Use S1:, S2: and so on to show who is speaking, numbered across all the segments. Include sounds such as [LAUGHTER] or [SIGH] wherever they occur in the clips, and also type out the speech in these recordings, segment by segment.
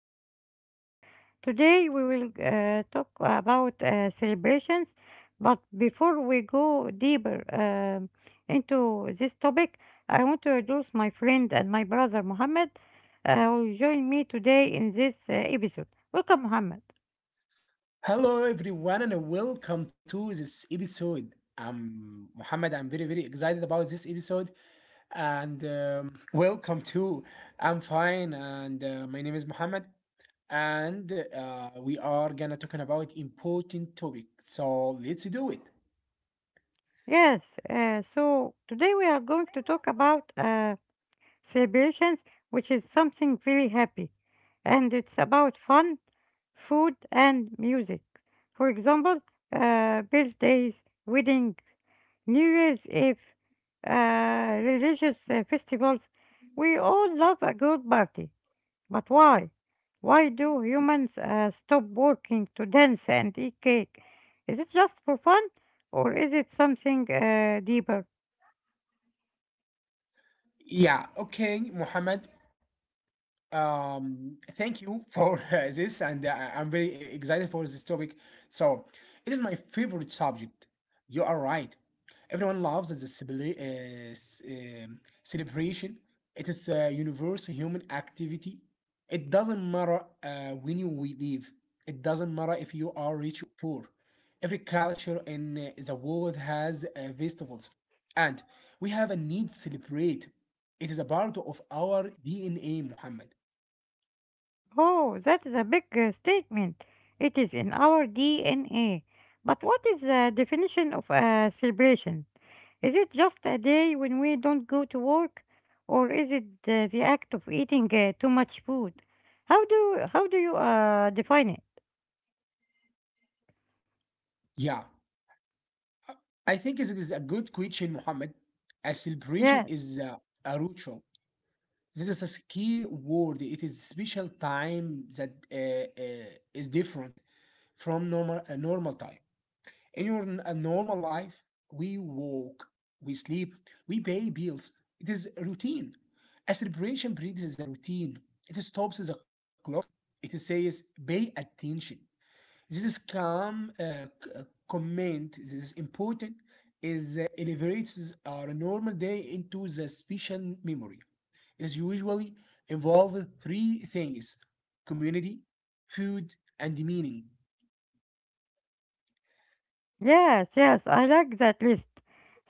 S1: our episode. Today, we will talk about celebrations. But before we go deeper into this topic, I want to introduce my friend and my brother Mohammed, who join me today in this episode. Welcome, Mohammed.
S2: Hello everyone and welcome to this episode. I'm Muhammad. I'm very excited about this episode, and [LAUGHS] welcome to. I'm fine, and my name is Muhammad, and we are gonna talking about important topic. So let's do it.
S1: Yes, so today we are going to talk about celebrations, which is something really happy. And it's about fun, food, and music. For example, birthdays, weddings, New Year's Eve, religious festivals. We all love a good party. But why? Why do humans stop working to dance and eat cake? Is it just for fun or is it something deeper?
S2: Yeah. Okay, Muhammad. Thank you for [LAUGHS] this, and I'm very excited for this topic. So, it is my favorite subject. You are right. Everyone loves the celebration. It is a universal human activity. It doesn't matter when you we live. It doesn't matter if you are rich or poor. Every culture in the world has festivals, and we have a need to celebrate. It is a part of our DNA, Muhammad.
S1: Oh, that's a big statement. It is in our DNA. But what is the definition of a celebration? Is it just a day when we don't go to work, or is it the act of eating too much food? How do you define it?
S2: Yeah, I think it is a good question, Muhammad. A
S1: Yeah.
S2: celebration is a ritual. This is a key word. It is special time that is different from normal a normal time. In a normal life, we walk, we sleep, we pay bills. It is a routine. A celebration breaks the routine. It stops the clock. It says pay attention. This is comment, this is important, is elevates our normal day into the special memory. Is usually involved three things: community, food, and meaning.
S1: Yes, yes, I like that list.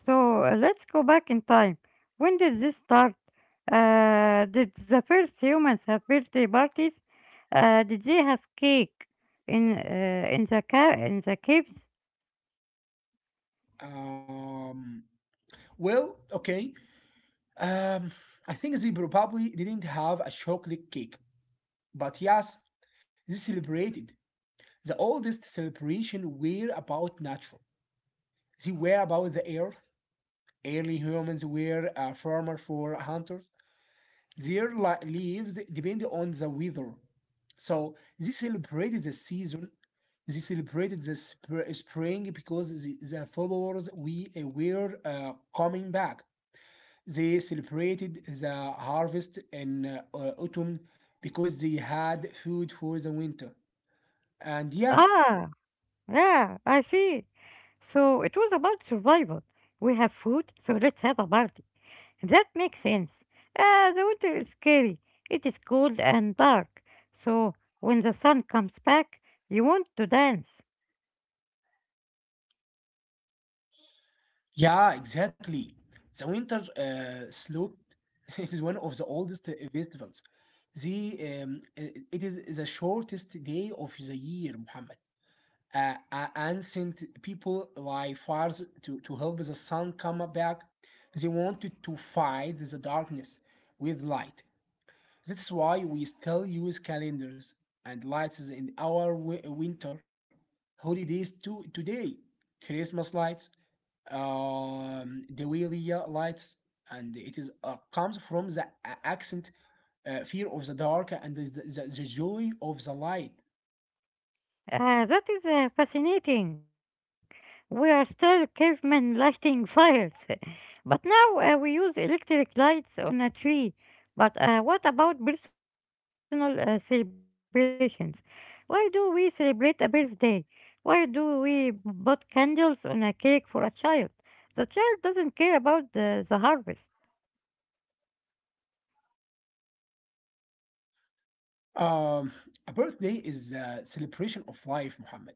S1: So let's go back in time. When did this start? Did the first humans have birthday parties? Did they have cake in in the caves?
S2: Um, well, okay. Um, I think they probably didn't have a chocolate cake, but yes, they celebrated. The oldest celebration were about natural. They were about the earth. Early humans were a farmer for hunters. Their lives depended on the weather. So they celebrated the season. They celebrated the spring because the followers we were coming back. They celebrated the harvest in autumn because they had food for the winter. And yeah,
S1: Ah, yeah, I see. So it was about survival. We have food, so let's have a party. That makes sense. The winter is scary. It is cold and dark. So when the sun comes back, you want to dance.
S2: yeah, exactly. The winter slope [LAUGHS] is one of the oldest festivals. It is the shortest day of the year, Muhammad. Ancient people light fires to help the sun come back. They wanted to fight the darkness with light. That's why we still use calendars and lights in our winter holidays to today. Christmas lights, Diwali lights, and it is comes from the accent fear of the dark and the joy of the light.
S1: Ah, that is fascinating. We are still cavemen lighting fires. [LAUGHS] But now we use electric lights on a tree. But what about personal celebrations? Why do we celebrate a birthday? Why do we b- put candles on a cake for a child? The child doesn't care about the harvest.
S2: Um, a birthday is a celebration of life, Muhammad.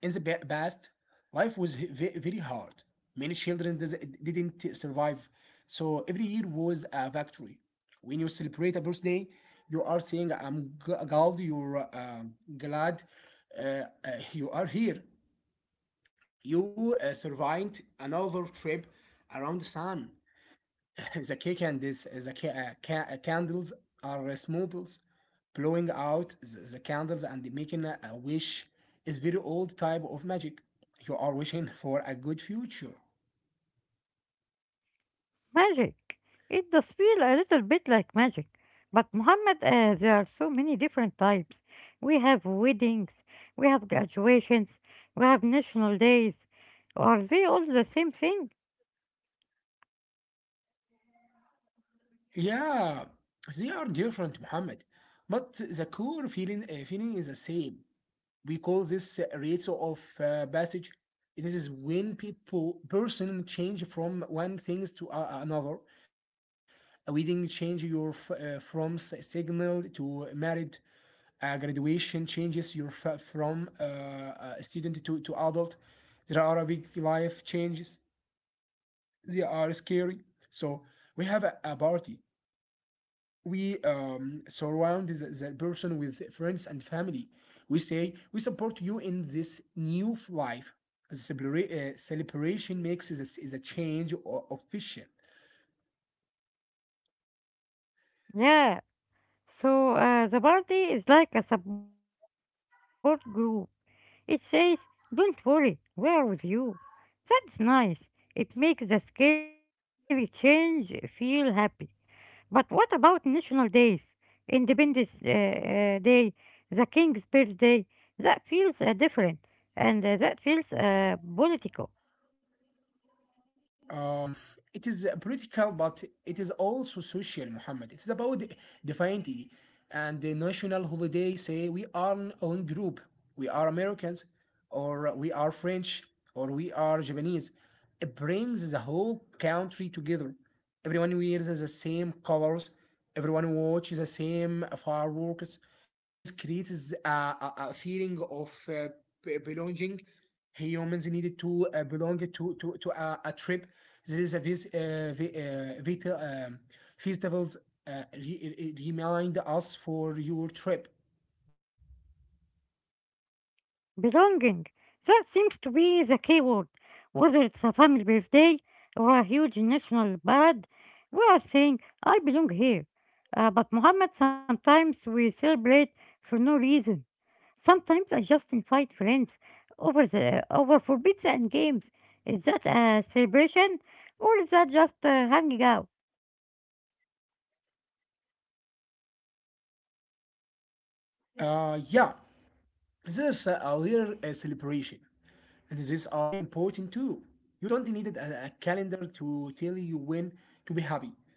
S2: In the past, life was very hard. Many children didn't survive, so every year was a victory. When you celebrate a birthday, you are saying, I'm glad you're glad uh, uh, you are here. You survived another trip around the sun. The key candles, the candles are smobles. Blowing out the candles and making a wish is very old type of magic. You are wishing for a good future.
S1: Magic. It does feel a little bit like magic. But Muhammad, there are so many different types. We have weddings, we have graduations, we have national days. Are they all the same thing?
S2: Yeah, they are different, Muhammad. But the core feeling is the same. We call this rite of passage. This is when people person change from one things to another. We did change your from signal to married. Graduation changes your from student to adult. There are a big life changes. They are scary, so we have a party. We surround the person with friends and family. We say we support you in this new life. The celebration makes this is a change official.
S1: Yeah. So the party is like a support group. It says, "Don't worry, we are with you." That's nice. It makes the scary change feel happy. But what about national days? Independence Day, the King's Birthday? That feels different and that feels political.
S2: Um, it is political, but it is also social, Muhammad. It is about the identity and the national holiday. Say we are on group, we are Americans, or we are French, or we are Japanese. It brings the whole country together. Everyone wears the same colors, everyone watches the same fireworks. This creates a feeling of belonging. Humans needed to belong to a trip. This is a festivals remind us for your trip.
S1: Belonging. That seems to be the key word. Whether it's a family birthday or a huge national parade, we are saying, I belong here. But Muhammad, sometimes we celebrate for no reason. Sometimes I just invite friends over for pizza and games. Is that a celebration or is that just hanging out?
S2: Yeah, this is a little celebration. And these are very important too. You don't need a calendar to tell you when to be happy.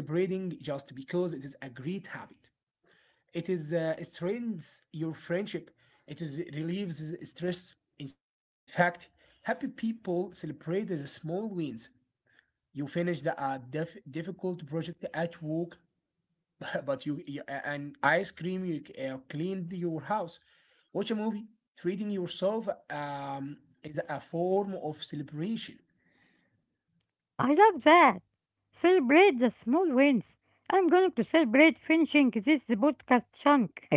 S2: Celebrating just because it is a great habit. It is strengthens your friendship. It is relieves stress. In fact, happy people celebrate the small wins. You finished a difficult project at work [COUGHS] [LAUGHS] but you and ice cream, you cleaned your house, watch a movie, treating yourself, is a form of celebration.
S1: I love that. Celebrate the small wins. I'm going to celebrate finishing this podcast chunk.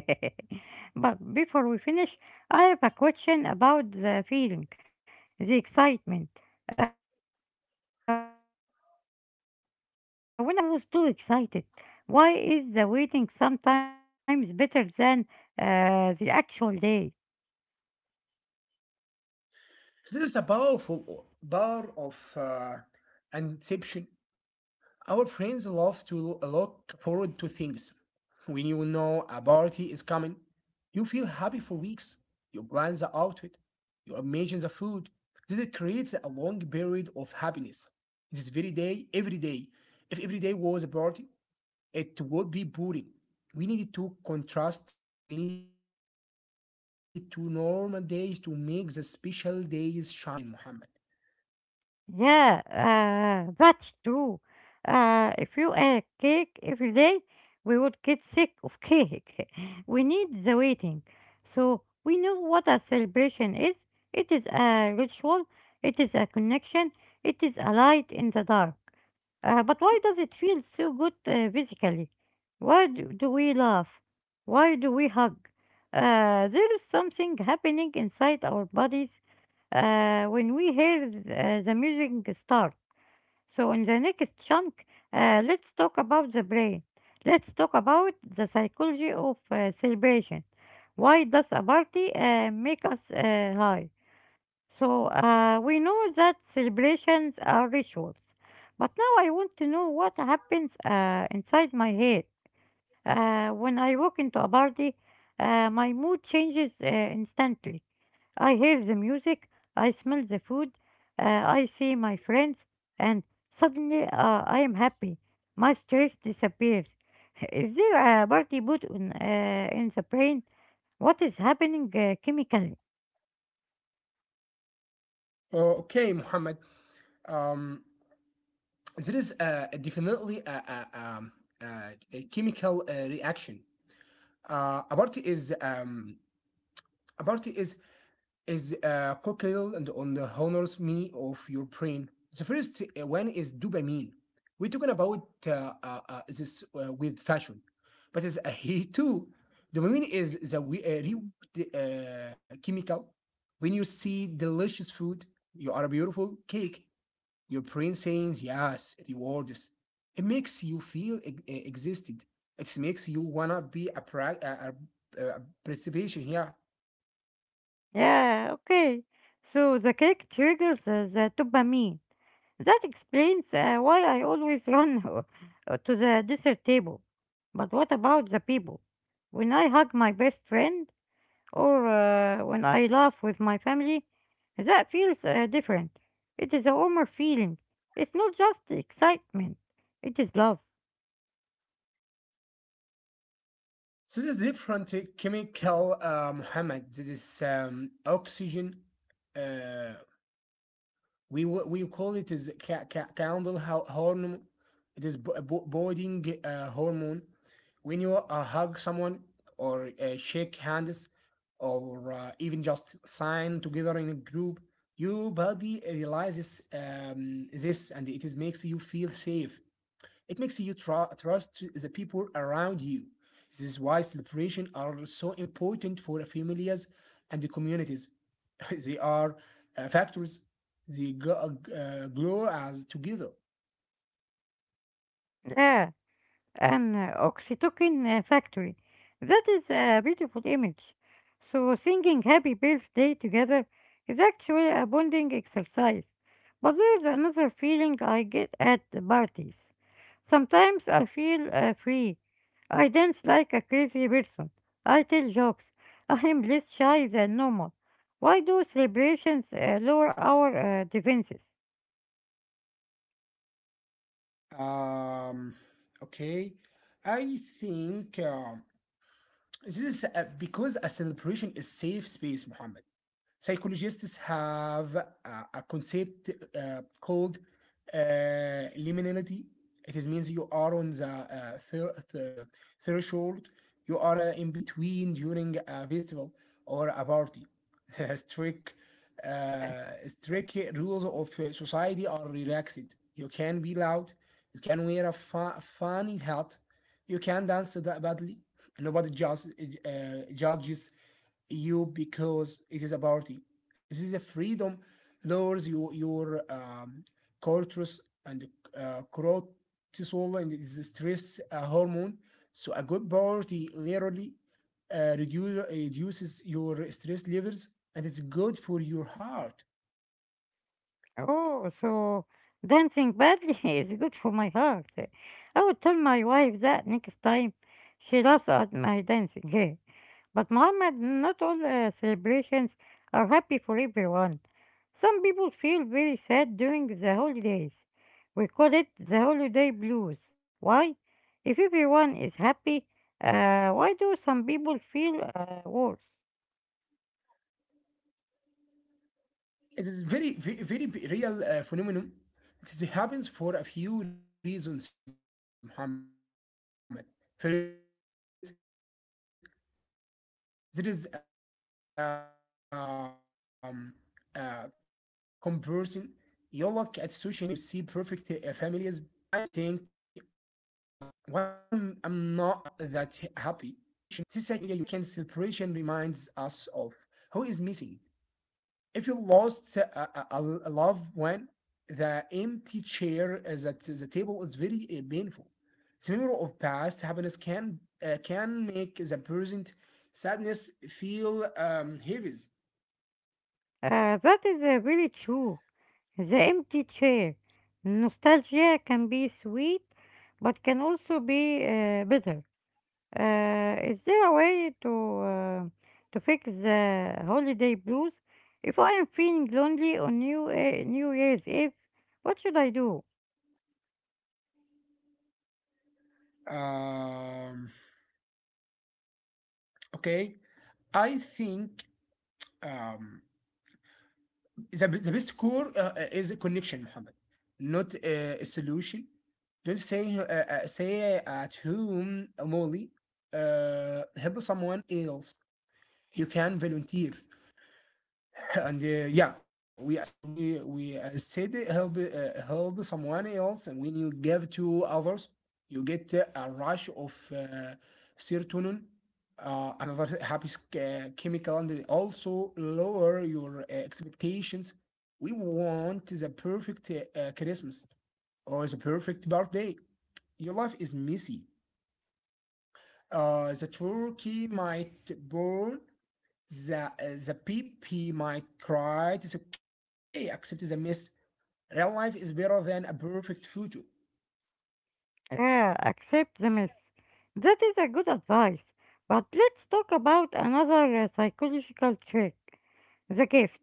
S1: [LAUGHS] But before we finish, I have a question about the feeling, the excitement. When I was a kid, I couldn't sleep the night before my birthday. I was too excited. Why is the waiting sometimes better than the actual day?
S2: This is a powerful power of inception. Our friends love to look forward to things. When you know a party is coming, you feel happy for weeks. You plan the outfit, you imagine the food. This creates a long period of happiness. This very day, every day. If every day was a party, it would be boring. We needed to contrast, we needed to normal days to make the special days shine, Muhammad.
S1: Yeah, that's true. If you ate cake every day, we would get sick of cake. [LAUGHS] We need the waiting. So we know what a celebration is. It is a ritual, it is a connection, it is a light in the dark. But why does it feel so good physically? Why do we laugh? Why do we hug? There is something happening inside our bodies when we hear the music start. So, in the next chunk, let's talk about the brain. Let's talk about the psychology of celebration. Why does a party make us high? So, we know that celebrations are rituals. But now I want to know what happens inside my head. When I walk into a party, my mood changes instantly. I hear the music, I smell the food, I see my friends, and suddenly I am happy. My stress disappears. [LAUGHS] Is there a party boot on, in the brain? What is happening chemically?
S2: Okay, Muhammad. Um, there is definitely a chemical reaction. Uh, about is um, about is cocktail and on the honors me of your brain. The first one is dopamine. We're talking about this with fashion, but it's a he too. Dopamine is the reward, chemical. When you see delicious food, you are a beautiful cake. Your brain saying yes, rewards. It makes you feel existed. It makes you wanna be a, pra- a participation. Yeah.
S1: Yeah, okay. So the cake triggers the dopamine. That explains why I always run [LAUGHS] to the dessert table. But what about the people? When I hug my best friend, or when I laugh with my family, that feels different. It is a warmer feeling. It's not just excitement, it is love.
S2: So this is different chemical, Muhammad. This is oxygen, uh, we call it is candle hormone. It is bonding hormone. When you hug someone or shake hands, or even just sign together in a group, your body realizes this, and it is makes you feel safe. It makes you trust the people around you. This is why celebrations are so important for families and the communities. [LAUGHS] They are factors, they go, glow as together.
S1: Yeah. An oxytocin factory. That is a beautiful image. So, singing happy birthday together is actually a bonding exercise. But there is another feeling I get at the parties. Sometimes I feel free. I dance like a crazy person. I tell jokes. I am less shy than normal. Why do celebrations lower our defenses?
S2: um okay, I think, this is because a celebration is safe space, Muhammad. Psychologists have a concept called uh, liminality. It is means you are on the threshold. You are in between during a festival or a party. [LAUGHS] The strict rules of society are relaxed. You can be loud. You can wear a funny hat. You can dance badly. Nobody judges you because it is about party. This is a freedom lowers you, your cortisol and cortisol and it is a stress hormone. So a good party literally reduces your stress levels and it's good for your heart.
S1: Oh, so dancing badly [LAUGHS] is good for my heart. I will tell my wife that next time. She laughs at my dancing. [LAUGHS] But Mohammed, not all celebrations are happy for everyone. Some people feel very sad during the holidays. We call it the holiday blues. Why? If everyone is happy, why do some people feel worse?
S2: It is very, very real phenomenon. This happens for a few reasons, Muhammad. First, there is comparison. You look at social media, you see perfect families, perfect dinners, and big smiles. If your life is not perfect, you feel like a failure. You think, why am I'm not that happy? This second celebration reminds us of who is missing. If you lost a loved one, the empty chair at the table is very painful. The memory of past happiness can make the present sadness feel, heavy.
S1: That is really true. The empty chair. Nostalgia can be sweet, but can also be bitter. Is there a way uh, to fix the holiday blues? If I am feeling lonely on New Year's Eve, what should I do?
S2: Um, okay, I think, um, the best core is a connection, Muhammad, not a solution. Don't say say at whom only help someone else. You can volunteer [LAUGHS] and yeah, we as we as said help someone else, and when you give to others you get a rush of serotonin, another happy chemical, and also lower your expectations. We want the perfect Christmas or the perfect birthday. Your life is messy. The turkey might burn. The PP might cry, it's okay, accept the mess. Real life is better than a perfect photo.
S1: Accept the mess. That is a good advice. But let's talk about another psychological trick, the gift.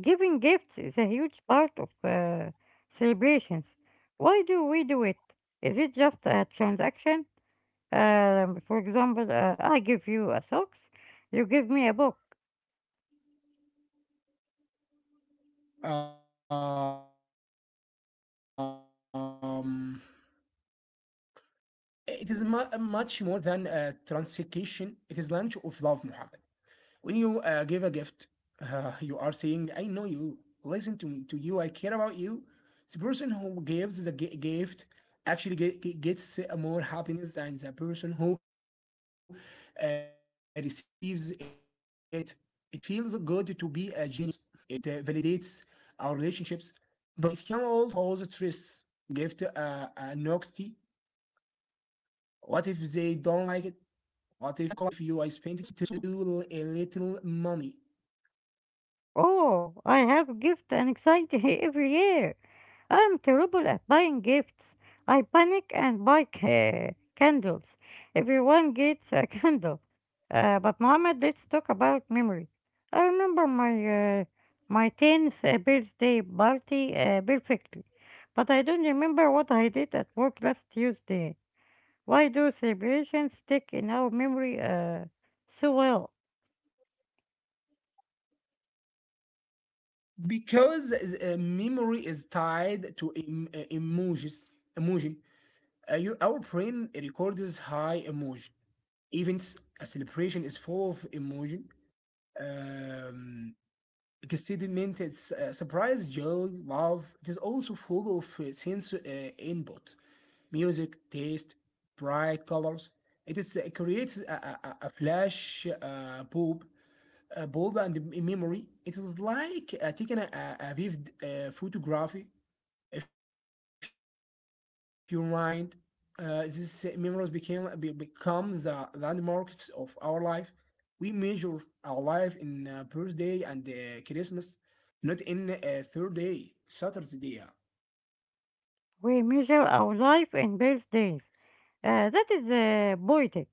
S1: Giving gifts is a huge part of celebrations. Why do we do it? Is it just a transaction? For example, I give you a socks, you give me a book.
S2: Um, it is much more than a transaction. It is language of love, Muhammad. When you give a gift, you are saying I know you, listen to you, I care about you. The person who gives the gift actually gets more happiness than the person who receives it. It feels good to be a genius. It validates our relationships, but it can also cause stress. Gift anxiety, what if they don't like it? What if you I spent too little money?
S1: Oh, I have gift anxiety [LAUGHS] every year. I'm terrible at buying gifts. I panic and buy ca- candles. Everyone gets a [LAUGHS] candle. But Mohammed, let's talk about memory. I remember my my 10th birthday party perfectly, but I don't remember what I did at work last Tuesday. Why do celebrations stick in our memory so well?
S2: Because memory is tied to emojis, emotion. You- our brain records high emotion events. A celebration is full of emotion, um excitement, it's surprise, joy, love. It is also full of sense input, music, taste, bright colors. It creates a flash bulb, ballband in memory. It is like taking a vivid photography. If you mind, these memories become the landmarks of our life. We measure our life in birthday and Christmas, not in a third day, Saturday.
S1: We measure our life in birthdays. That is poetic.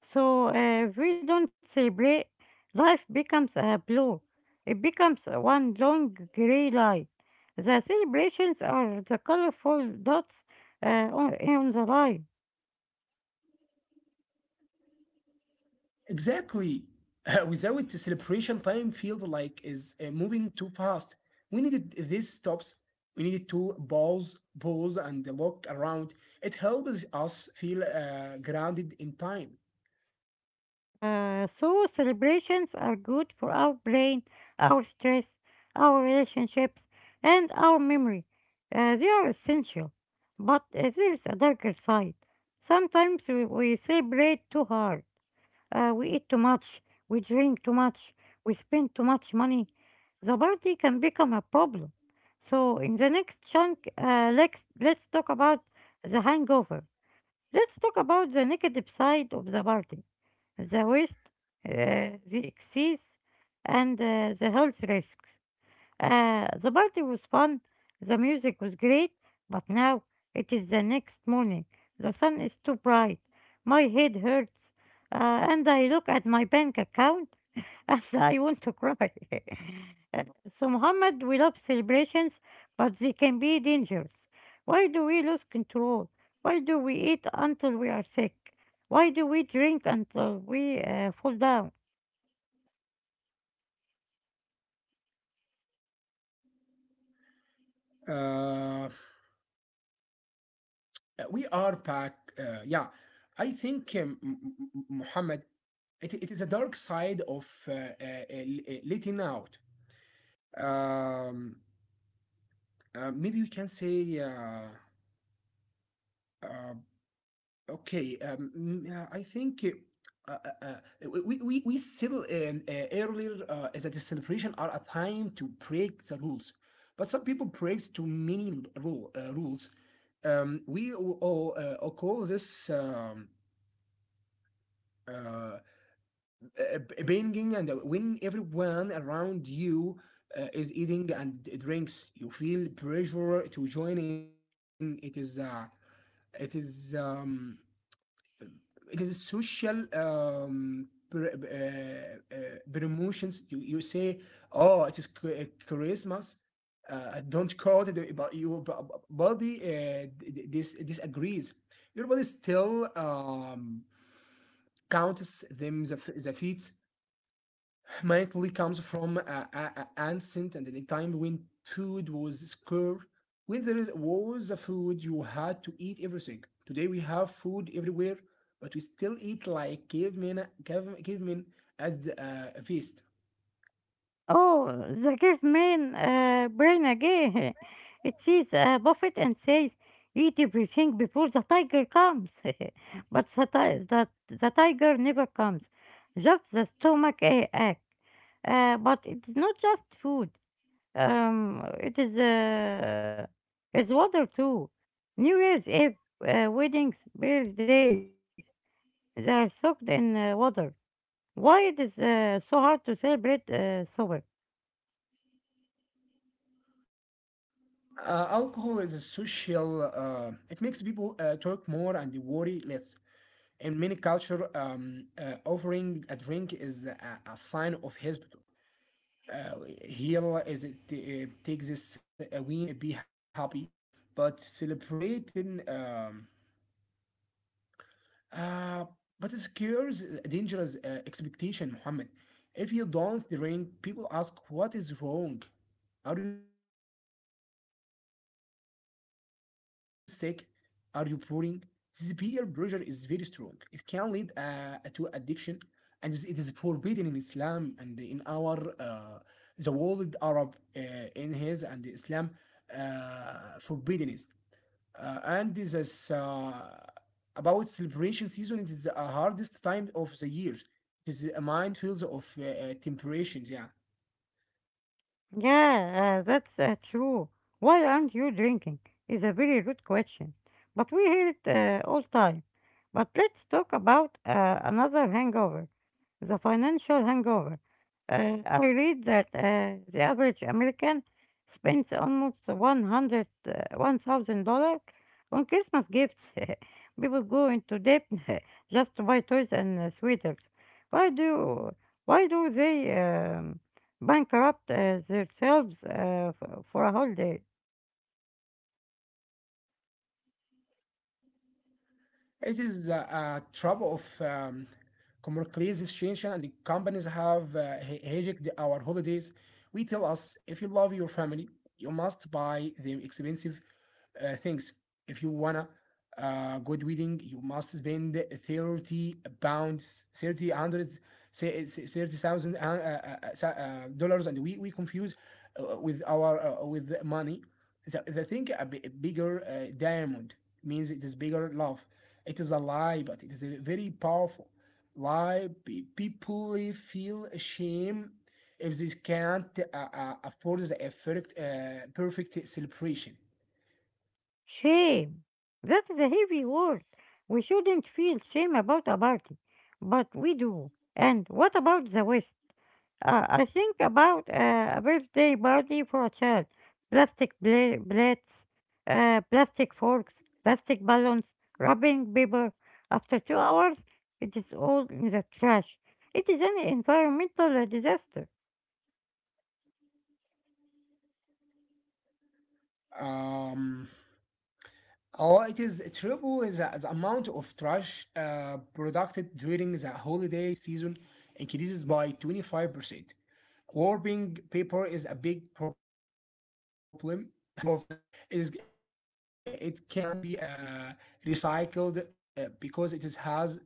S1: So if we don't celebrate, life becomes a blur. It becomes one long gray light. The celebrations are the colorful dots on the line.
S2: Exactly. [LAUGHS] Without it, celebration time feels like is moving too fast. We needed these stops. We needed to pause and look around. It helps us feel grounded in time.
S1: So celebrations are good for our brain, our stress, our relationships, and our memory. They are essential. But there is a darker side. Sometimes we celebrate too hard. We eat too much, we drink too much, we spend too much money, the party can become a problem. So, in the next chunk, let's talk about the hangover. Let's talk about the negative side of the party the waste, the excess, and the health risks. The party was fun, the music was great, but now it is the next morning. The sun is too bright, my head hurts, and I look at my bank account [LAUGHS] and I want to cry. [LAUGHS] Uh, so, Muhammad, we love celebrations, but they can be dangerous. Why do we lose control? Why do we eat until we are sick? Why do we drink until we fall down?
S2: Uh, we are back. Yeah, I think Muhammad, it is a dark side of letting out. Um, Maybe we can say. Uh, Okay, yeah, I think uh, uh, uh, we still in earlier as a celebration are a time to break the rules, but some people break too many rules. We all call this uh, banging, and when everyone around you is eating and drinks, you feel pressure to join in. It is um it is social promotions. You say, oh, it is Christmas. I don't call it, but your body disagrees. Your body still counts them the feet. Humanity comes from a ancient and any time when food was scarce. When there was a food, you had to eat everything. Today we have food everywhere, but we still eat like cavemen as a feast.
S1: Oh, the gift man Bernage. [LAUGHS] It sees a buffet and says, eat everything before the tiger comes. [LAUGHS] But the tiger never comes, just the stomach ache. But it is not just food. It is it's water too. New Year's Eve, weddings, birthdays, they are soaked in water. Why it is so hard to celebrate sober?
S2: Alcohol is a social. It makes people talk more and they worry less. In many culture, offering a drink is a sign of hospital. Uh, Here is it takes this win, be happy, but celebrating uh, but it scares a dangerous expectation, Muhammad. If you don't drink, people ask what is wrong. Are you sick? Are you pouring? This peer pressure is very strong. It can lead to addiction, and it is forbidden in Islam and in our the world Arab, in his and Islam forbidden is. And this is about celebration season. It is the hardest time of the year. It is a minefield of temperations. Yeah,
S1: Yeah, that's true. Why aren't you drinking? Is a very rude question, but we hear it all time. But let's talk about another hangover, the financial hangover. I read that the average American spends almost 100 $1,000 on Christmas gifts. [LAUGHS] People go into debt [LAUGHS] just to buy toys and sweaters. Why do why do they? Bankrupt themselves for a whole day.
S2: it is a trap of commercialization, situation, and the companies have hijacked our holidays. We tell us if you love your family, you must buy them expensive things. If you wanna a good wedding, you must spend £30, 3,000, say 30,000 dollars, and we confuse with our with money. The thing a bigger diamond means it is bigger love. It is a lie, but it is a very powerful lie. People really feel shame if they can't afford the perfect celebration.
S1: Shame. That is a heavy word. We shouldn't feel shame about a party, but we do. And what about the West? I think about a birthday party for a child. Plates, plastic forks, plastic balloons, rubbing paper. After 2 hours, it is all in the trash. It is an environmental disaster.
S2: Um, Oh, it is triple is the amount of trash produced during the holiday season increases by 25%. Warping paper is a big problem [LAUGHS] and most of is it can't be recycled because it is has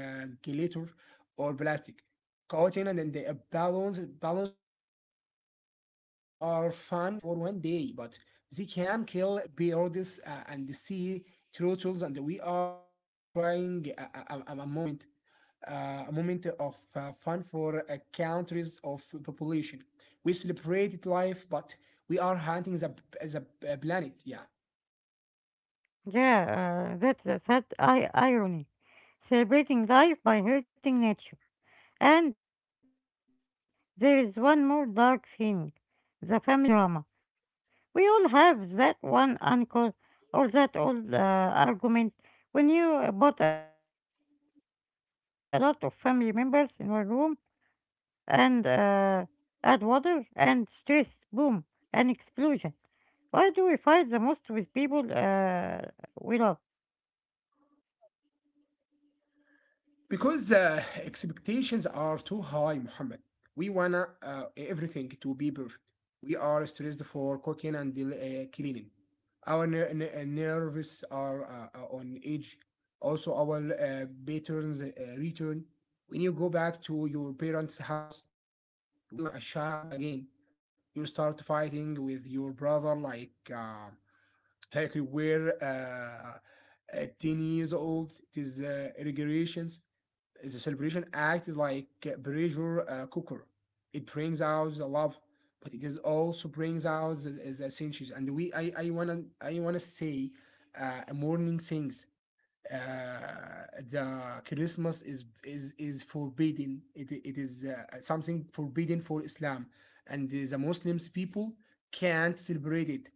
S2: glitter or plastic cotton. And then the balloons are fun for one day, but they can kill birds and the sea turtles, and we are trying a, a- a moment a moment of fun for countries of population. We celebrated life, but we are hunting the planet. Yeah.
S1: Yeah, that's the sad irony. Celebrating life by hurting nature. And there is one more dark thing the family drama. We all have that one uncle or that old argument when you bought a lot of family members in one room and add water and stress, boom, an explosion. Why do we fight the most with people we love? [LAUGHS]
S2: Because expectations are too high, Muhammad. We wanna everything to be perfect. We are stressed for cooking and cleaning. Our nerves are on edge. Also, our patterns return. When you go back to your parents' house, you feel like a child again. You start fighting with your brother uh, like you were 10 years old. It is regulations. The celebration act is like a pressure cooker. It brings out the love, but it is also brings out the essentials. And I, I wanna say, morning things. The Christmas is forbidden. It is something forbidden for Islam, and the Muslims people can't celebrate it,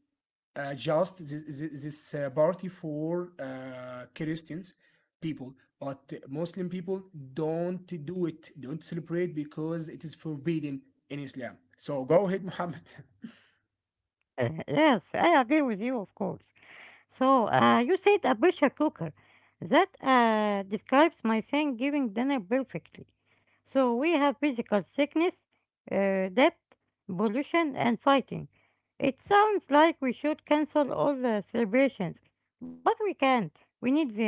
S2: just this party for Christians people, but Muslim people don't do it, don't celebrate, because it is forbidden in Islam. So go ahead, Muhammad.
S1: Yes, I agree with you, of course. So you said a pressure cooker. That describes my Thanksgiving dinner perfectly. So we have physical sickness, debt, pollution, and fighting. It sounds like we should cancel all the celebrations, but we can't. We need them.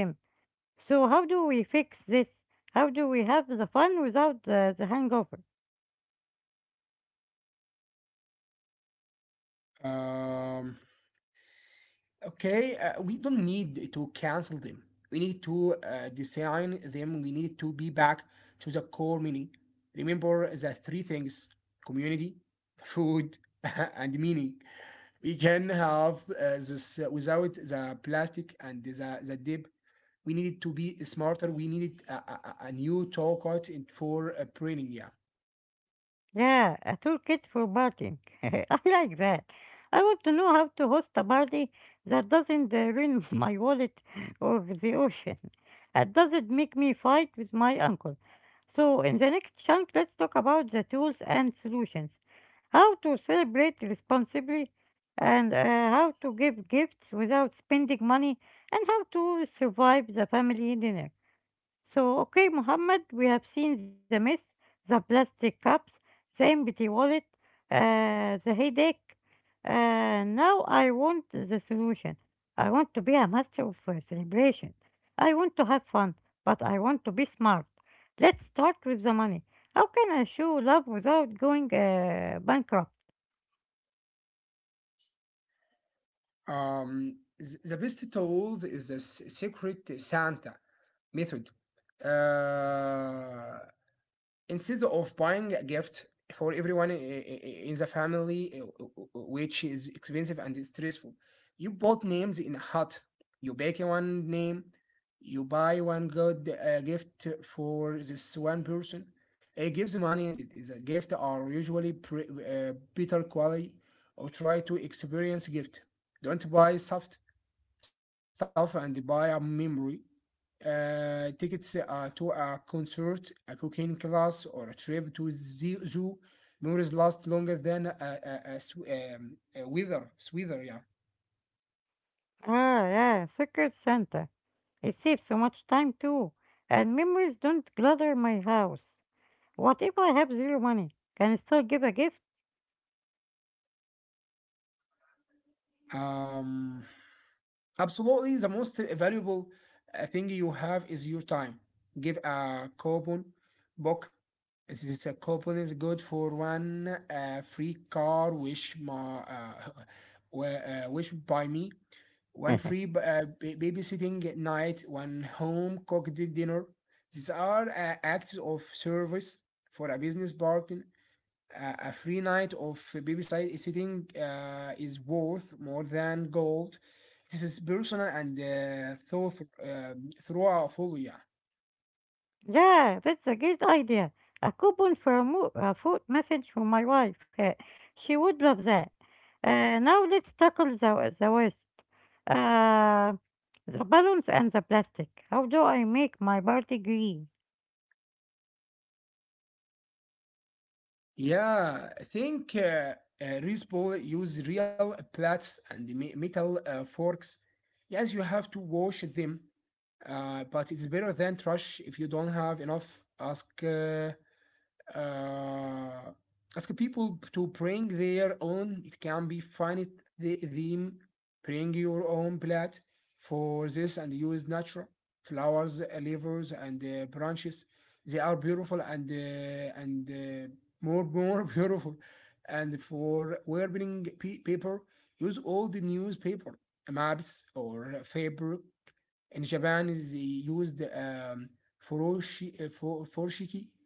S1: So how do we fix this? How do we have the fun without the hangover?
S2: [LAUGHS] um, Okay, we don't need to cancel them. We need to design them. We need to be back to the core meaning. Remember the three things: community, food, [LAUGHS] and meaning. We can have this without the plastic and the dip. We needed to be smarter. We needed a new toolkit for printing. Yeah.
S1: Yeah, a toolkit for partying. [LAUGHS] I like that. I want to know how to host a party that doesn't ruin [LAUGHS] my wallet or the ocean. That doesn't make me fight with my uncle. So, in the next chunk, let's talk about the tools and solutions. How to celebrate responsibly, and how to give gifts without spending money, and how to survive the family dinner. So, okay, Mohammed, we have seen the mess, the plastic cups, the empty wallet, the headache. Now I want the solution. I want to be a master of celebration. I want to have fun, but I want to be smart. Let's start with the money. How can I show love without going bankrupt?
S2: The best tools is the secret Santa method. uh, Instead of buying a gift for everyone in the family, which is expensive and stressful, you bought names in a hut. You bake one name, you buy one good gift for this one person. It gives money, and it is a gift are usually better quality. Or try to experience gift. Don't buy soft stuff and buy a memory. Tickets to a concert, a cooking class, or a trip to the zoo. Memories last longer than a weather. Sweater, yeah.
S1: Ah, yeah, Secret Santa. It saves so much time too, and memories don't clutter my house. What if I have zero money? Can I still give a gift?
S2: Um, Absolutely, the most valuable thing you have is your time. Give a coupon book. This is a coupon is good for one free car, which my [LAUGHS] which by me. One free
S1: [LAUGHS]
S2: babysitting night, one home cooked dinner. These are acts of service for a business partner. A free night of babysitting is worth more than gold. This is personal and uh, thoughtful. Yeah,
S1: Yeah, that's a great idea. A coupon for a food message from my wife. She would love that. Now let's tackle the waste. Uh, the balloons and the plastic. How do I make my party green?
S2: yeah. I think Rizpol use real plates and metal forks. Yes, you have to wash them, but it's better than trash. If you don't have enough, ask uh, ask people to bring their own. It can be find the theme, bring your own plate for this, and use natural flowers, leaves, and branches. They are beautiful and more [LAUGHS] more beautiful. And for wearing paper, use old newspaper, maps, or fabric. In Japan, they used furoshiki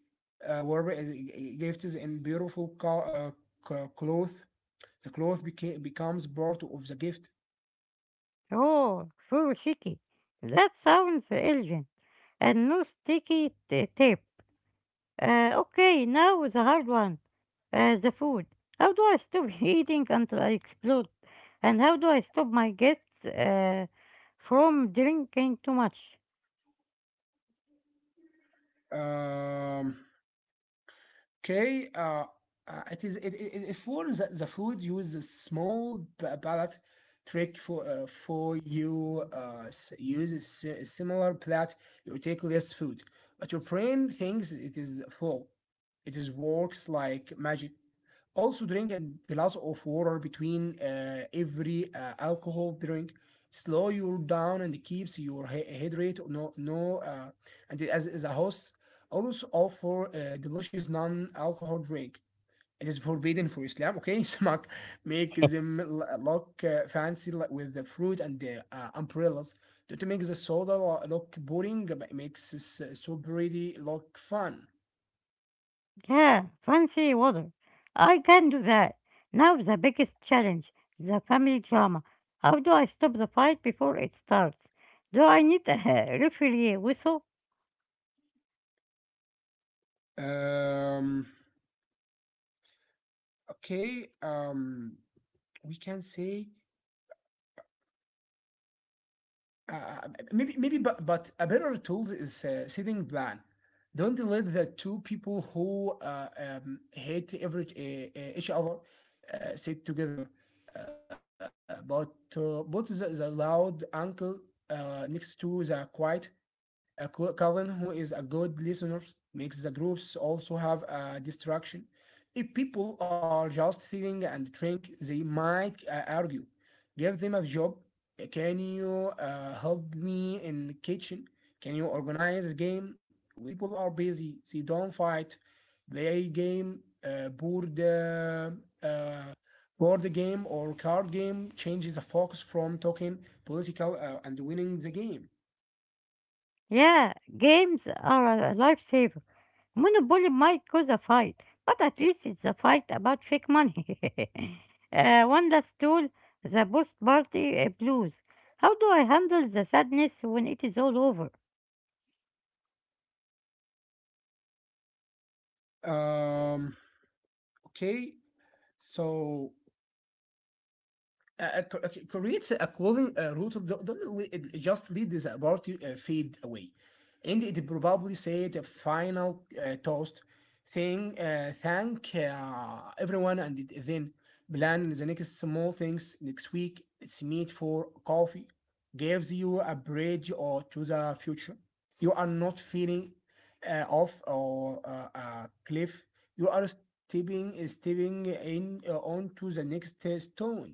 S2: were gifts in beautiful cloth. The cloth becomes part of the gift.
S1: Oh, full chicky. That sounds elegant. And no sticky tape. Okay, now the hard one. The food. How do I stop [LAUGHS] eating until I explode? And how do I stop my guests from drinking too much?
S2: Um, Okay, it is it for the food, use a small palate trick for you, use a si- similar plate, you take less food, but your brain thinks it is full. It is works like magic. Also drink a glass of water between every alcohol drink, slow you down and keeps your hydrate, no no and, as a host, also offer a delicious non-alcohol drink. It is forbidden for Islam. Okay, [LAUGHS] smack, make
S1: [LAUGHS]
S2: them look fancy, like with the fruit and the umbrellas to make the soda look boring. But makes this so pretty look fun.
S1: Yeah, fancy water. I can do that. Now the biggest challenge, the family drama. How do I stop the fight before it starts? Do I need a [LAUGHS] referee whistle?
S2: Um. Okay. We can say, maybe maybe but a better tool is setting plan. Don't let the two people who hate every each other sit together, uh, but but the loud uncle next to the quiet Calvin, who is a good listener. Makes the groups also have a distraction. If people are just sitting and drink, they might argue. Give them a job. Can you help me in the kitchen? Can you organize a game? When people are busy, they don't fight. They game board uh, board game or card game changes the focus from talking political and winning the game.
S1: Yeah, games are a lifesaver. Monopoly might cause a fight, but at least it's a fight about fake money. [LAUGHS] One that stole the post party blues. How do I handle the sadness when it is all over?
S2: Um, okay, so okay, creates a clothing route of the, don't just let this about you fade away, and it probably said a final toast thing, thank everyone and then plan the next small things next week, it's meet for coffee. Gives you a bridge or to the future. You are not feeling off or a cliff. You are stepping in onto the next stone.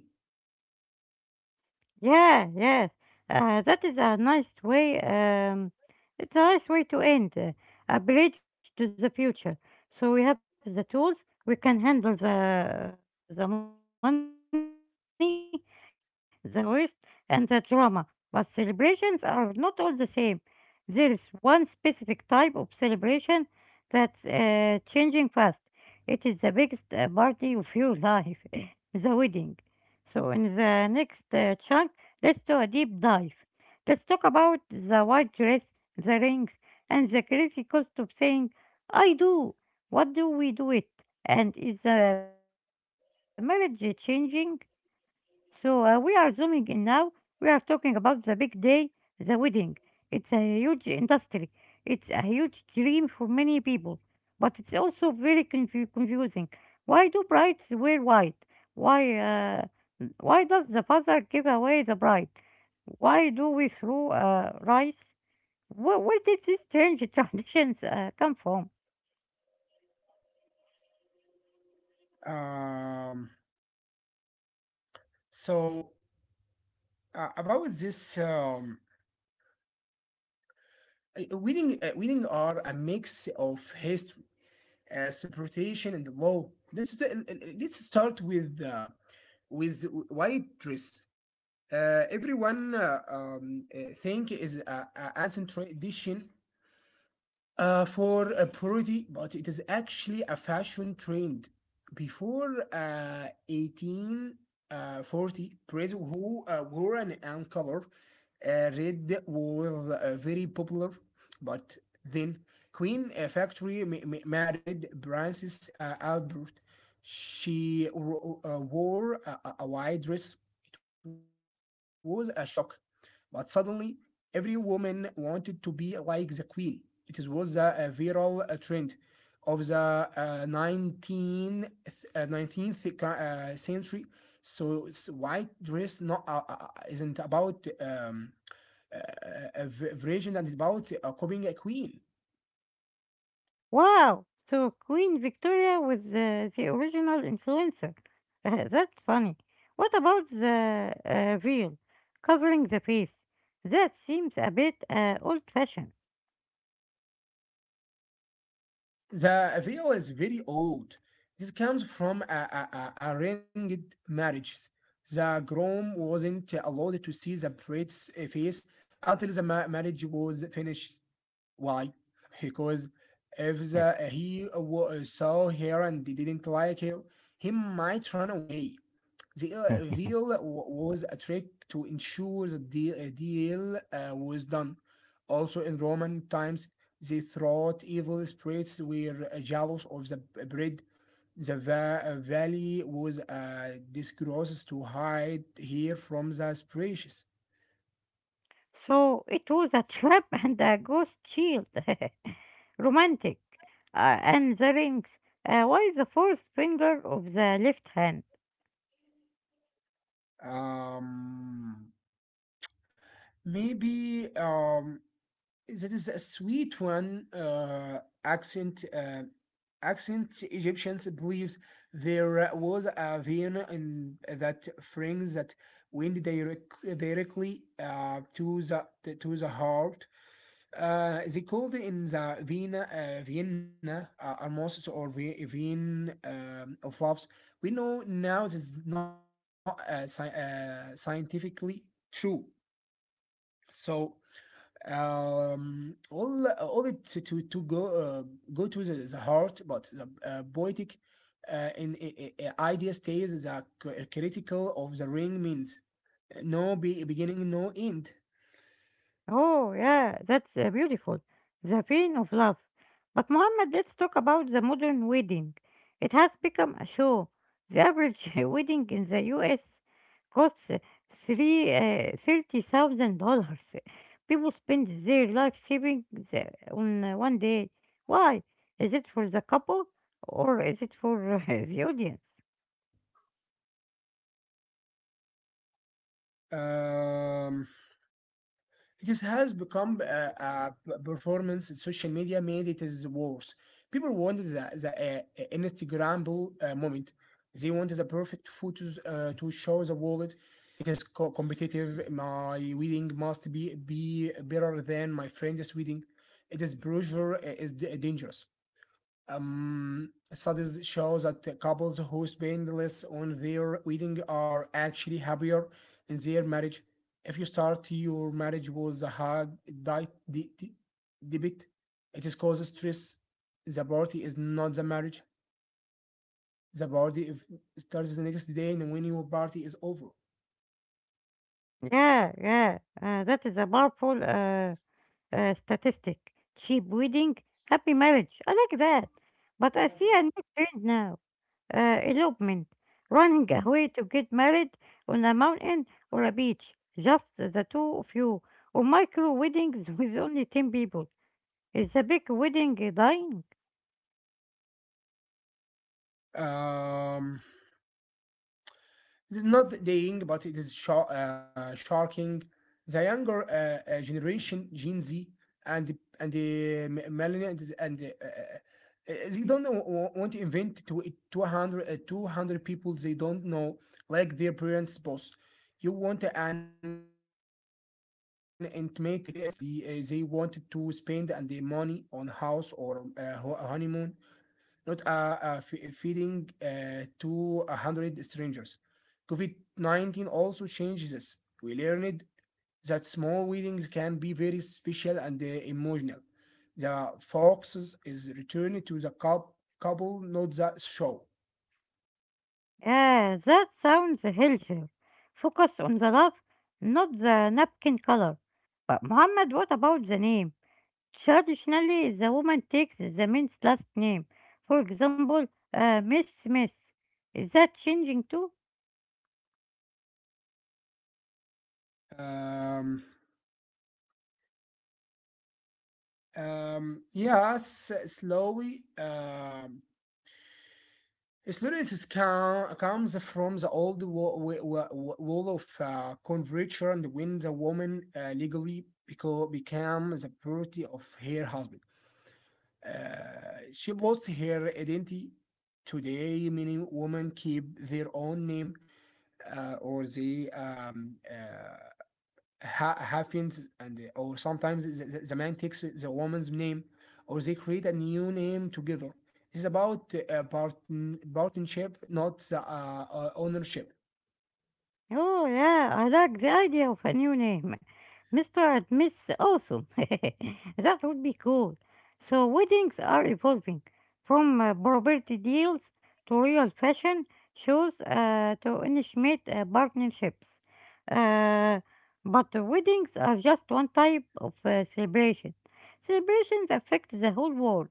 S1: Yeah, yes. That is a nice way. It's a nice way to end a bridge to the future. So we have the tools. We can handle the money, the waste, and the drama. But celebrations are not all the same. There is one specific type of celebration that's changing fast. It is the biggest party of your life, [LAUGHS] the wedding. So in the next chunk, let's do a deep dive. Let's talk about the white dress, the rings, and the crazy cost of saying, I do. What do we do it? And is the marriage changing? So we are zooming in now. We are talking about the big day, the wedding. It's a huge industry. It's a huge dream for many people, but it's also very confusing. Why do brides wear white? Why, uh, why does the father give away the bride? Why do we throw rice? Where did these strange [LAUGHS] traditions come from?
S2: Um, so about this, wedding, wedding are a mix of history, interpretation, and law. Let's start with white dress. Everyone think is a ancient tradition, for a purity, but it is actually a fashion trend. Before 1840, priests who wore an anchor uh, red was very popular, but then Queen Factory married Princess Albert. She wore a white dress. It was a shock, but suddenly every woman wanted to be like the queen. It was a viral trend of the 19th century. So white dress not isn't about uh, uh, uh, virgin, and it's about copying a queen.
S1: Wow! So Queen Victoria was the original influencer. [LAUGHS] That's funny. What about the veil covering the face? That seems a bit old fashioned.
S2: The video is very old. This comes from a arranged marriages. The groom wasn't allowed to see the bride's face until the marriage was finished. Why? [LAUGHS] Because if saw her and didn't like her, he might run away. The
S1: [LAUGHS]
S2: veil was a trick to ensure the deal was done. Also, in Roman times, they thought evil spirits were jealous of the bread. The valley was a disgrace to hide here from the spirits.
S1: So it was a trap [LAUGHS] and a ghost shield. [LAUGHS] Romantic. And the rings. Why the fourth finger of the left hand?
S2: Um, Maybe that is a sweet one accent egyptians believes there was a vein in that fringe that went directly to the heart. Uh, they called in the Vienna Vienna Hermosus or Vein of Loves. We know now this is not scientifically true. So all it to go go to the heart, but the poetic uh, in, i- idea stays. The critical of the ring means beginning, no end.
S1: Oh, yeah, that's beautiful. The vein of love. But Mohammed, let's talk about the modern wedding. It has become a show. The average [LAUGHS] wedding in the US costs three $30,000. People spend their life saving the, on one day. Why? Is it for the couple or is it for [LAUGHS] the audience?
S2: um It has become a performance. Social media made it is worse. People want the Instagramable moment. They want the perfect photos to show the world. It is competitive. My wedding must be better than my friend's wedding. It is pressure. Is dangerous. Studies show that couples who spend less on their wedding are actually happier in their marriage. If you start your marriage with a hard diet de- de- debit, it is causes stress. The party is not the marriage. The party if starts the next day, and when your party is over.
S1: Yeah, that is a powerful statistic cheap wedding, happy marriage. I like that. But I see a new trend now elopement, running away to get married on a mountain or a beach, just the two of you, or micro weddings [LAUGHS] with only 10 people. Is the big wedding dying?
S2: Um, This is not dying, but it is sh shocking. The younger generation, Gen Z, and the millennials, and they don't want to invent to 200 people they don't know, like their parents' boss. You want an intimate experience, and they want to spend and the money on house or honeymoon, not feeding to 100 strangers. COVID 19 also changes this. We learned that small weddings can be very special and emotional. The focus is returned to the couple, not the show.
S1: Yeah, that sounds healthier. Focus on the love, not the napkin color. But Muhammad, what about the name? Traditionally, the woman takes the man's last name. For example, Miss Smith. Is that changing too?
S2: Um, yes, slowly. Slowiness comes from the old wall of converture, and when the woman legally became the property of her husband. She lost her identity. Today, many women keep their own name or they hyphens, and or sometimes the man takes the woman's name, or they create a new name together. It's about partnership, not ownership.
S1: Oh, yeah, I like the idea of a new name. Mr. and Miss Awesome. [LAUGHS] That would be cool. So, weddings are evolving from property deals to real fashion shows to initiate partnerships. Uh, but the weddings are just one type of celebration. Celebrations affect the whole world.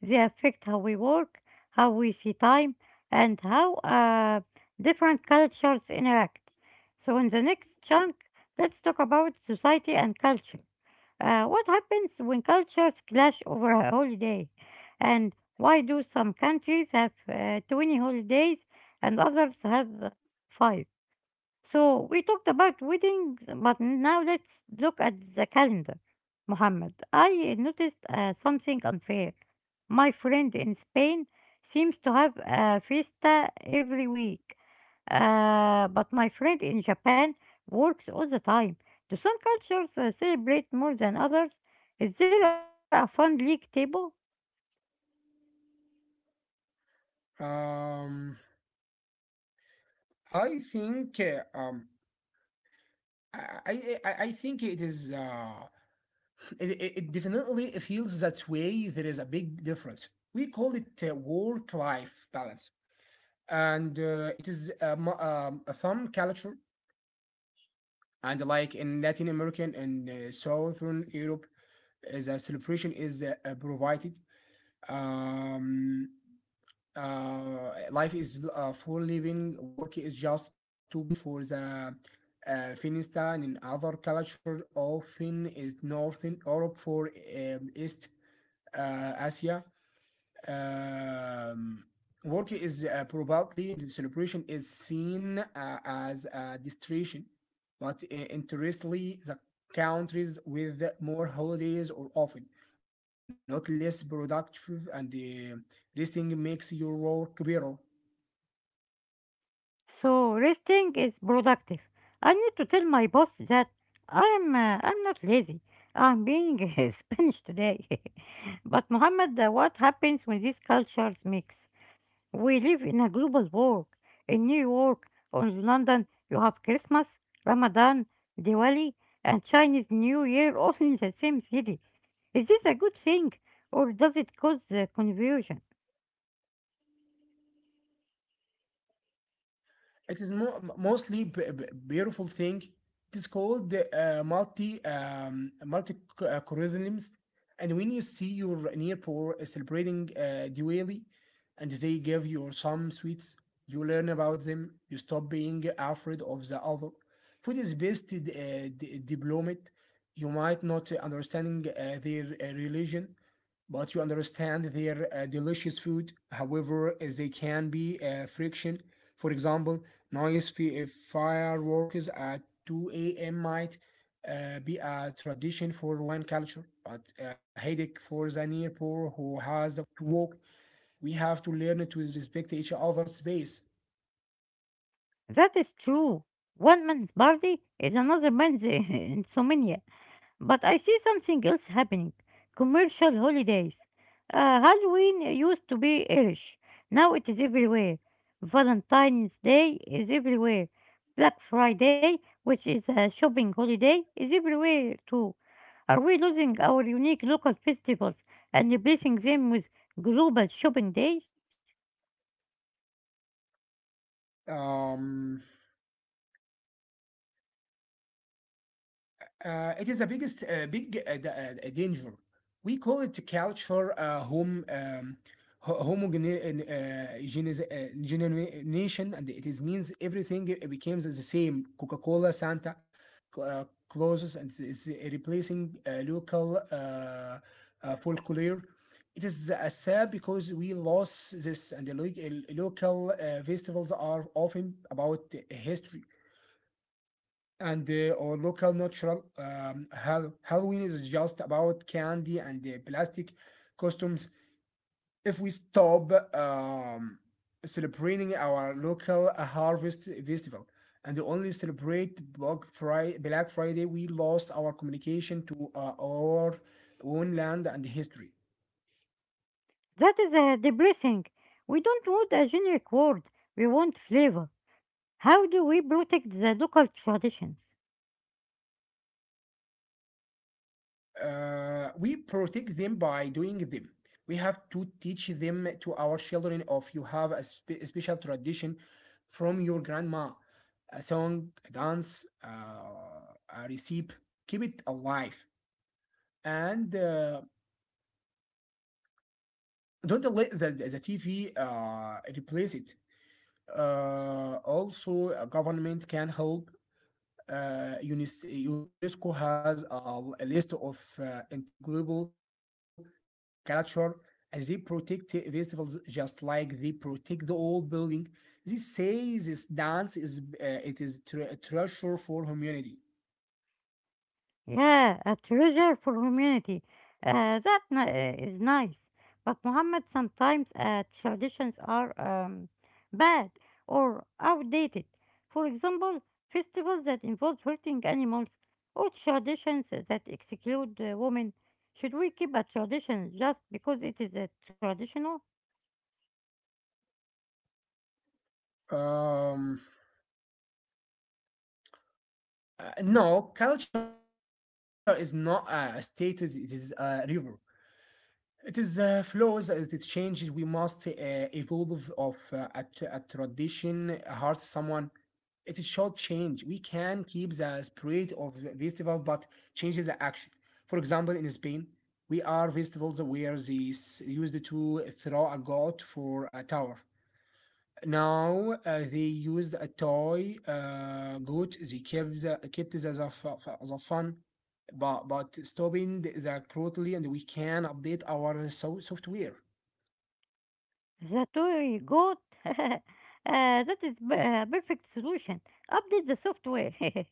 S1: They affect how we work, how we see time, and how different cultures interact. So, in the next chunk, let's talk about society and culture. What happens when cultures clash over a holiday? And why do some countries have 20 holidays and others have five? So we talked about weddings, but now let's look at the calendar. Mohammed, I noticed something unfair. My friend in Spain seems to have a fiesta every week, but my friend in Japan works all the time. Do some cultures celebrate more than others? Is there a fun league table?
S2: um i think uh, um I, I think it is [LAUGHS] it definitely feels that way. There is a big difference. We call it work life balance, and it is a thumb culture, and like in Latin American and Southern Europe, the celebration is provided. Um, Life is for living. Work is just to pay for the fiesta. And in other culture, often in Northern Europe for East Asia. Um, Work is probably in the celebration is seen as a distraction, but interestingly, the countries with more holidays are often not less productive, and this thing makes your work better.
S1: So resting is productive. I need to tell my boss that I'm not lazy. I'm being [LAUGHS] Spanish today. [LAUGHS] But Mohammed, what happens when these cultures mix? We live in a global world. In New York or in London, you have Christmas, Ramadan, Diwali, and Chinese New Year all [LAUGHS] in the same city. Is this a good thing, or does it cause confusion?
S2: It is mostly beautiful thing. It is called multi curriculums, and when you see your near poor celebrating Diwali, and they give you some sweets, you learn about them. You stop being afraid of the other. Food is based diplomat. You might not understanding their religion, but you understand their delicious food. However, they can be friction. For example, Nice fireworks at 2 a.m. might be a tradition for one culture, but a headache for the near poor who has to walk. We have to learn to respect each other's space.
S1: That is true. One man's party is another man's [LAUGHS] insomnia. But I see something else happening. Commercial holidays. Halloween used to be Irish. Now it is everywhere. Valentine's Day is everywhere. Black Friday, which is a shopping holiday, is everywhere too. Are we losing our unique local festivals and replacing them with global shopping days?
S2: Um, it is a biggest danger. We call it culture home ho- homogenization, and it is means everything it becomes the same. Coca-Cola, Santa, closes, and it's replacing local folklore. It is sad because we lost this, and the local festivals are often about history and our local natural Halloween is just about candy and plastic costumes. If we stop celebrating our local harvest festival and only celebrate Black Friday, we lost our communication to our own land and history.
S1: That is depressing. We don't want a generic word, we want flavor. How do we protect the local traditions?
S2: Uh, we protect them by doing them. We have to teach them to our children of you have a special tradition from your grandma, a song, a dance, a recipe. Keep it alive, and don't let the TV replace it. Also, a government can help uh, UNES- UNESCO has a list of integrable culture, and they protect festivals just like they protect the old building. They say this dance is it is a treasure for humanity.
S1: Yeah, a treasure for humanity. That is nice. But Muhammad, sometimes traditions are bad or outdated. For example, festivals that involve hurting animals or traditions that exclude women. Should we keep a tradition just because it is traditional?
S2: Um, no, culture is not a state; it is a river. It is the flows that it changes. We must evolve of a tradition, hurt someone. It is short change. We can keep the spirit of the festival, but change the action. For example, in Spain, we are festivals where they used to throw a goat for a tower. Now they used a toy goat. They kept the fun, but stopping the cruelty, and we can update our software.
S1: The toy goat? [LAUGHS] uh, that is a [LAUGHS] perfect solution. Update the software. [LAUGHS]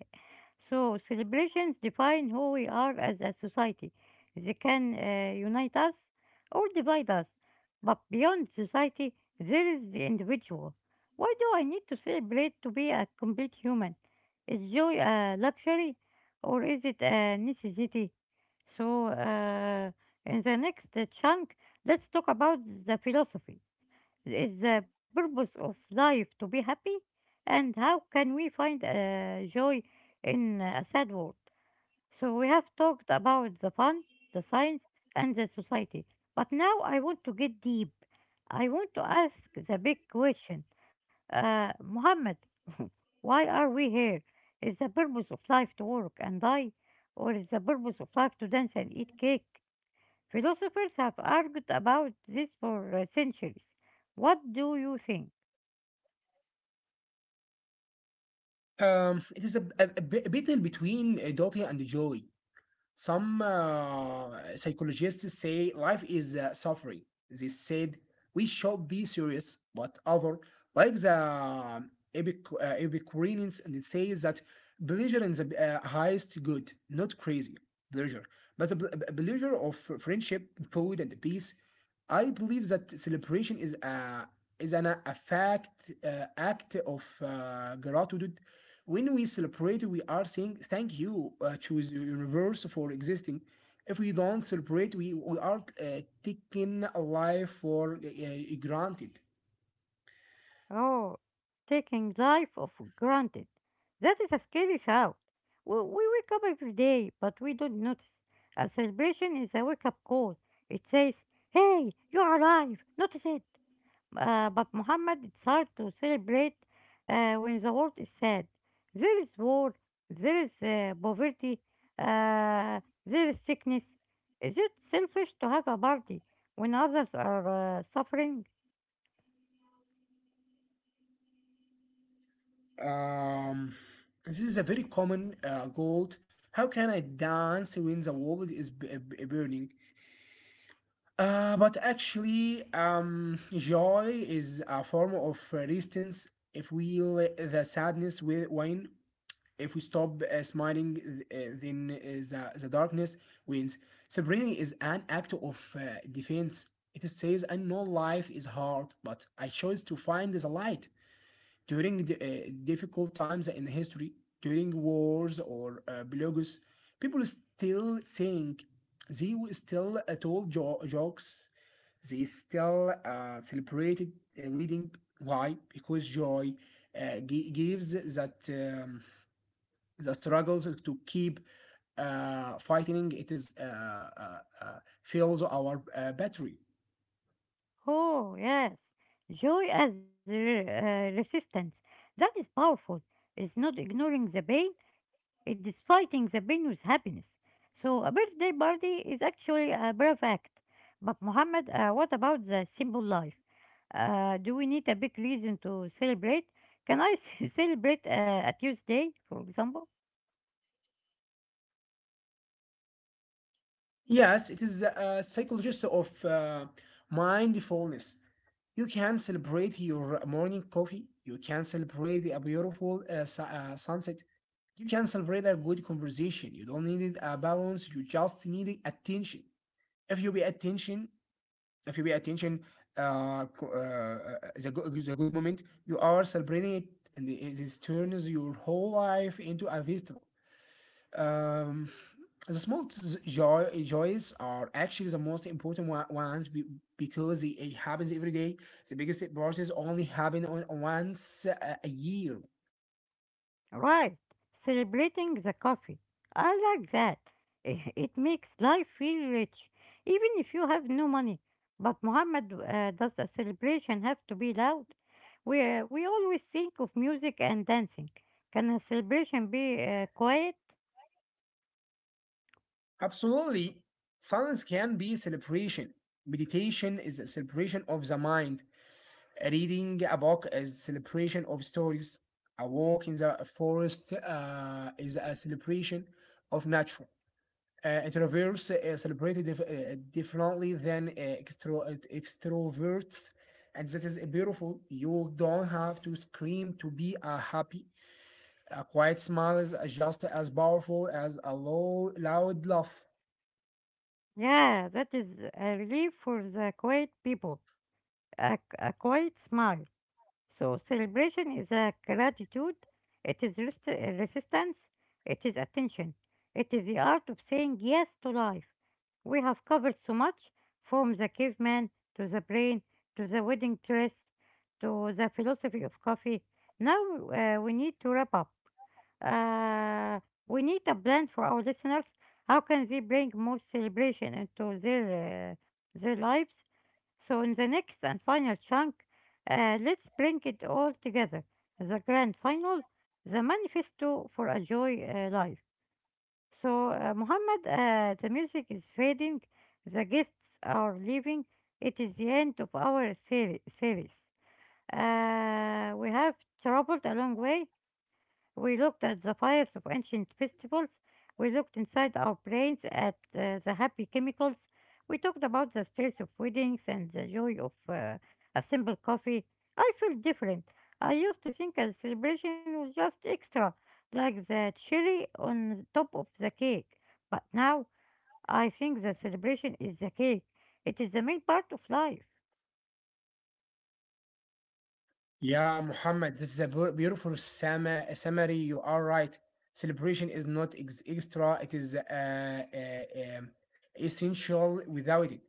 S1: So celebrations define who we are as a society. They can unite us or divide us. But beyond society, there is the individual. Why do I need to celebrate to be a complete human? Is joy a luxury or is it a necessity? So, in the next chunk, let's talk about the philosophy is the purpose of life to be happy? And how can we find joy in a sad world? So we have talked about the fun, the science, and the society. But now I want to get deep. I want to ask the big question. Muhammad, [LAUGHS] why are we here? Is the purpose of life to work and die? Or is the purpose of life to dance and eat cake? Philosophers have argued about this for centuries. What do you think?
S2: It is a battle between Dottie and Jolie. Some psychologists say life is suffering. They said we should be serious, but other, like the Epicureans, and it says that pleasure is the highest good, not crazy pleasure, but the pleasure of friendship, food, and peace. I believe that celebration is is an act of gratitude. When we celebrate, we are saying thank you to the universe for existing. If we don't celebrate, we are taking life for granted.
S1: Oh, taking life for granted. That is a scary thought. We wake up every day, but we don't notice. A celebration is a wake up call. It says, Hey, you're alive, notice it. But Muhammad, it's hard to celebrate when the world is sad. There is war, there is poverty, uh, there is sickness. Is it selfish to have a party when others are suffering?
S2: Um, this is a very common goal. How can I dance when the world is burning? But actually, joy is a form of resistance if we let the sadness win. If we stop smiling, then the darkness wins. Separating is an act of defense. It says, I know life is hard, but I chose to find the light. During difficult times in history, during wars or blogs, people still think they will still told jokes, they still celebrated reading. Why? Because joy gives that um, the struggles to keep fighting. It is fills our battery.
S1: Oh, yes. Joy as resistance. That is powerful. It's not ignoring the pain, it is fighting the pain with happiness. So, a birthday party is actually a brave act. But, Muhammad, what about the simple life? Do we need a big reason to celebrate? Can I [LAUGHS] celebrate a Tuesday, for example?
S2: Yes, it is a psychologist of mindfulness. You can celebrate your morning coffee. You can celebrate a beautiful sunset. You can celebrate a good conversation. You don't need a balance. You just need attention. if you pay attention if you pay attention the good moment you are celebrating it, and this turns your whole life into a festival. um, the small joys are actually the most important ones because it happens every day. The biggest parties only happen once a year.
S1: Right, celebrating the coffee. I like that. I- [LAUGHS] It makes life feel rich, even if you have no money. But Mohammed, does a celebration have to be loud? We always think of music and dancing. Can a celebration be quiet?
S2: Absolutely, silence can be celebration. Meditation is a celebration of the mind. Reading a book is celebration of stories. A walk in the forest is a celebration of nature. Introverts celebrated differently than extroverts, and that is beautiful. You don't have to scream to be happy. A quiet smile is just as powerful as a loud laugh.
S1: Yeah, that is a relief for the quiet people. A quiet smile. So celebration is a gratitude, it is resistance, it is attention, it is the art of saying yes to life. We have covered so much from the caveman to the brain to the wedding dress to the philosophy of coffee. Now we need to wrap up. Uh, we need a plan for our listeners. How can they bring more celebration into their lives? So, in the next and final chunk, let's bring it all together the grand final, the manifesto for a joy life. So, Muhammad, the music is fading, the guests are leaving. It is the end of our series. We have traveled a long way, we looked at the fires of ancient festivals. We looked inside our brains at the happy chemicals. We talked about the stress of weddings and the joy of a simple coffee. I felt different. I used to think a celebration was just extra, like the cherry on the top of the cake. But now I think the celebration is the cake. It is the main part of life.
S2: Yeah, Muhammad, this is a beautiful summary. You are right. Celebration is not extra, it is um, essential without it.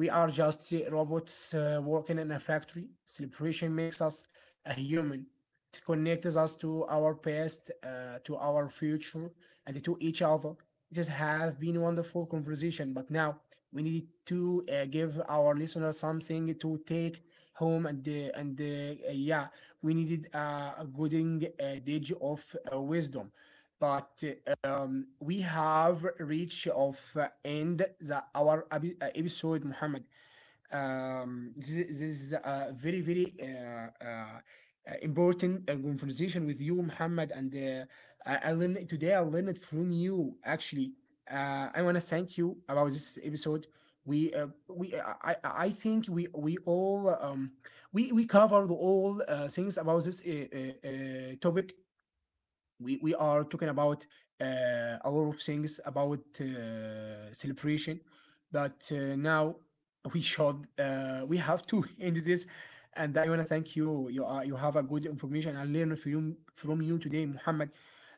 S2: We are just robots working in a factory. Celebration makes us a human. It connects us to our past, to our future, and to each other. It has have been a wonderful conversation, but now we need to give our listeners something to take home, and and uh, yeah, we needed a good dage of wisdom. But we have reached of end the our episode, Muhammad. This is a very, very important conversation with you, Muhammad. And I learned today. I learned from you. Actually, I want to thank you about this episode. We I think we all we covered all things about this topic we are talking about a lot of things about celebration, but now we have to [LAUGHS] end this. And I want to thank you. You are You have a good information. I learned from you today, Muhammad.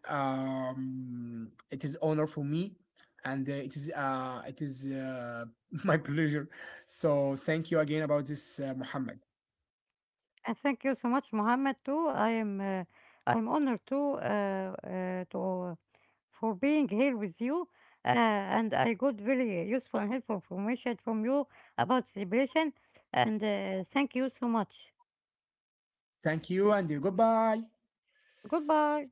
S2: It is honor for me, and it is [LAUGHS] my pleasure. So thank you again about this, Muhammad.
S1: And thank you so much, Mohammed. Too, I am I'm honored to for being here with you. And I got very useful and helpful information from you about celebration. And thank you so much.
S2: Thank you and goodbye.
S1: Goodbye.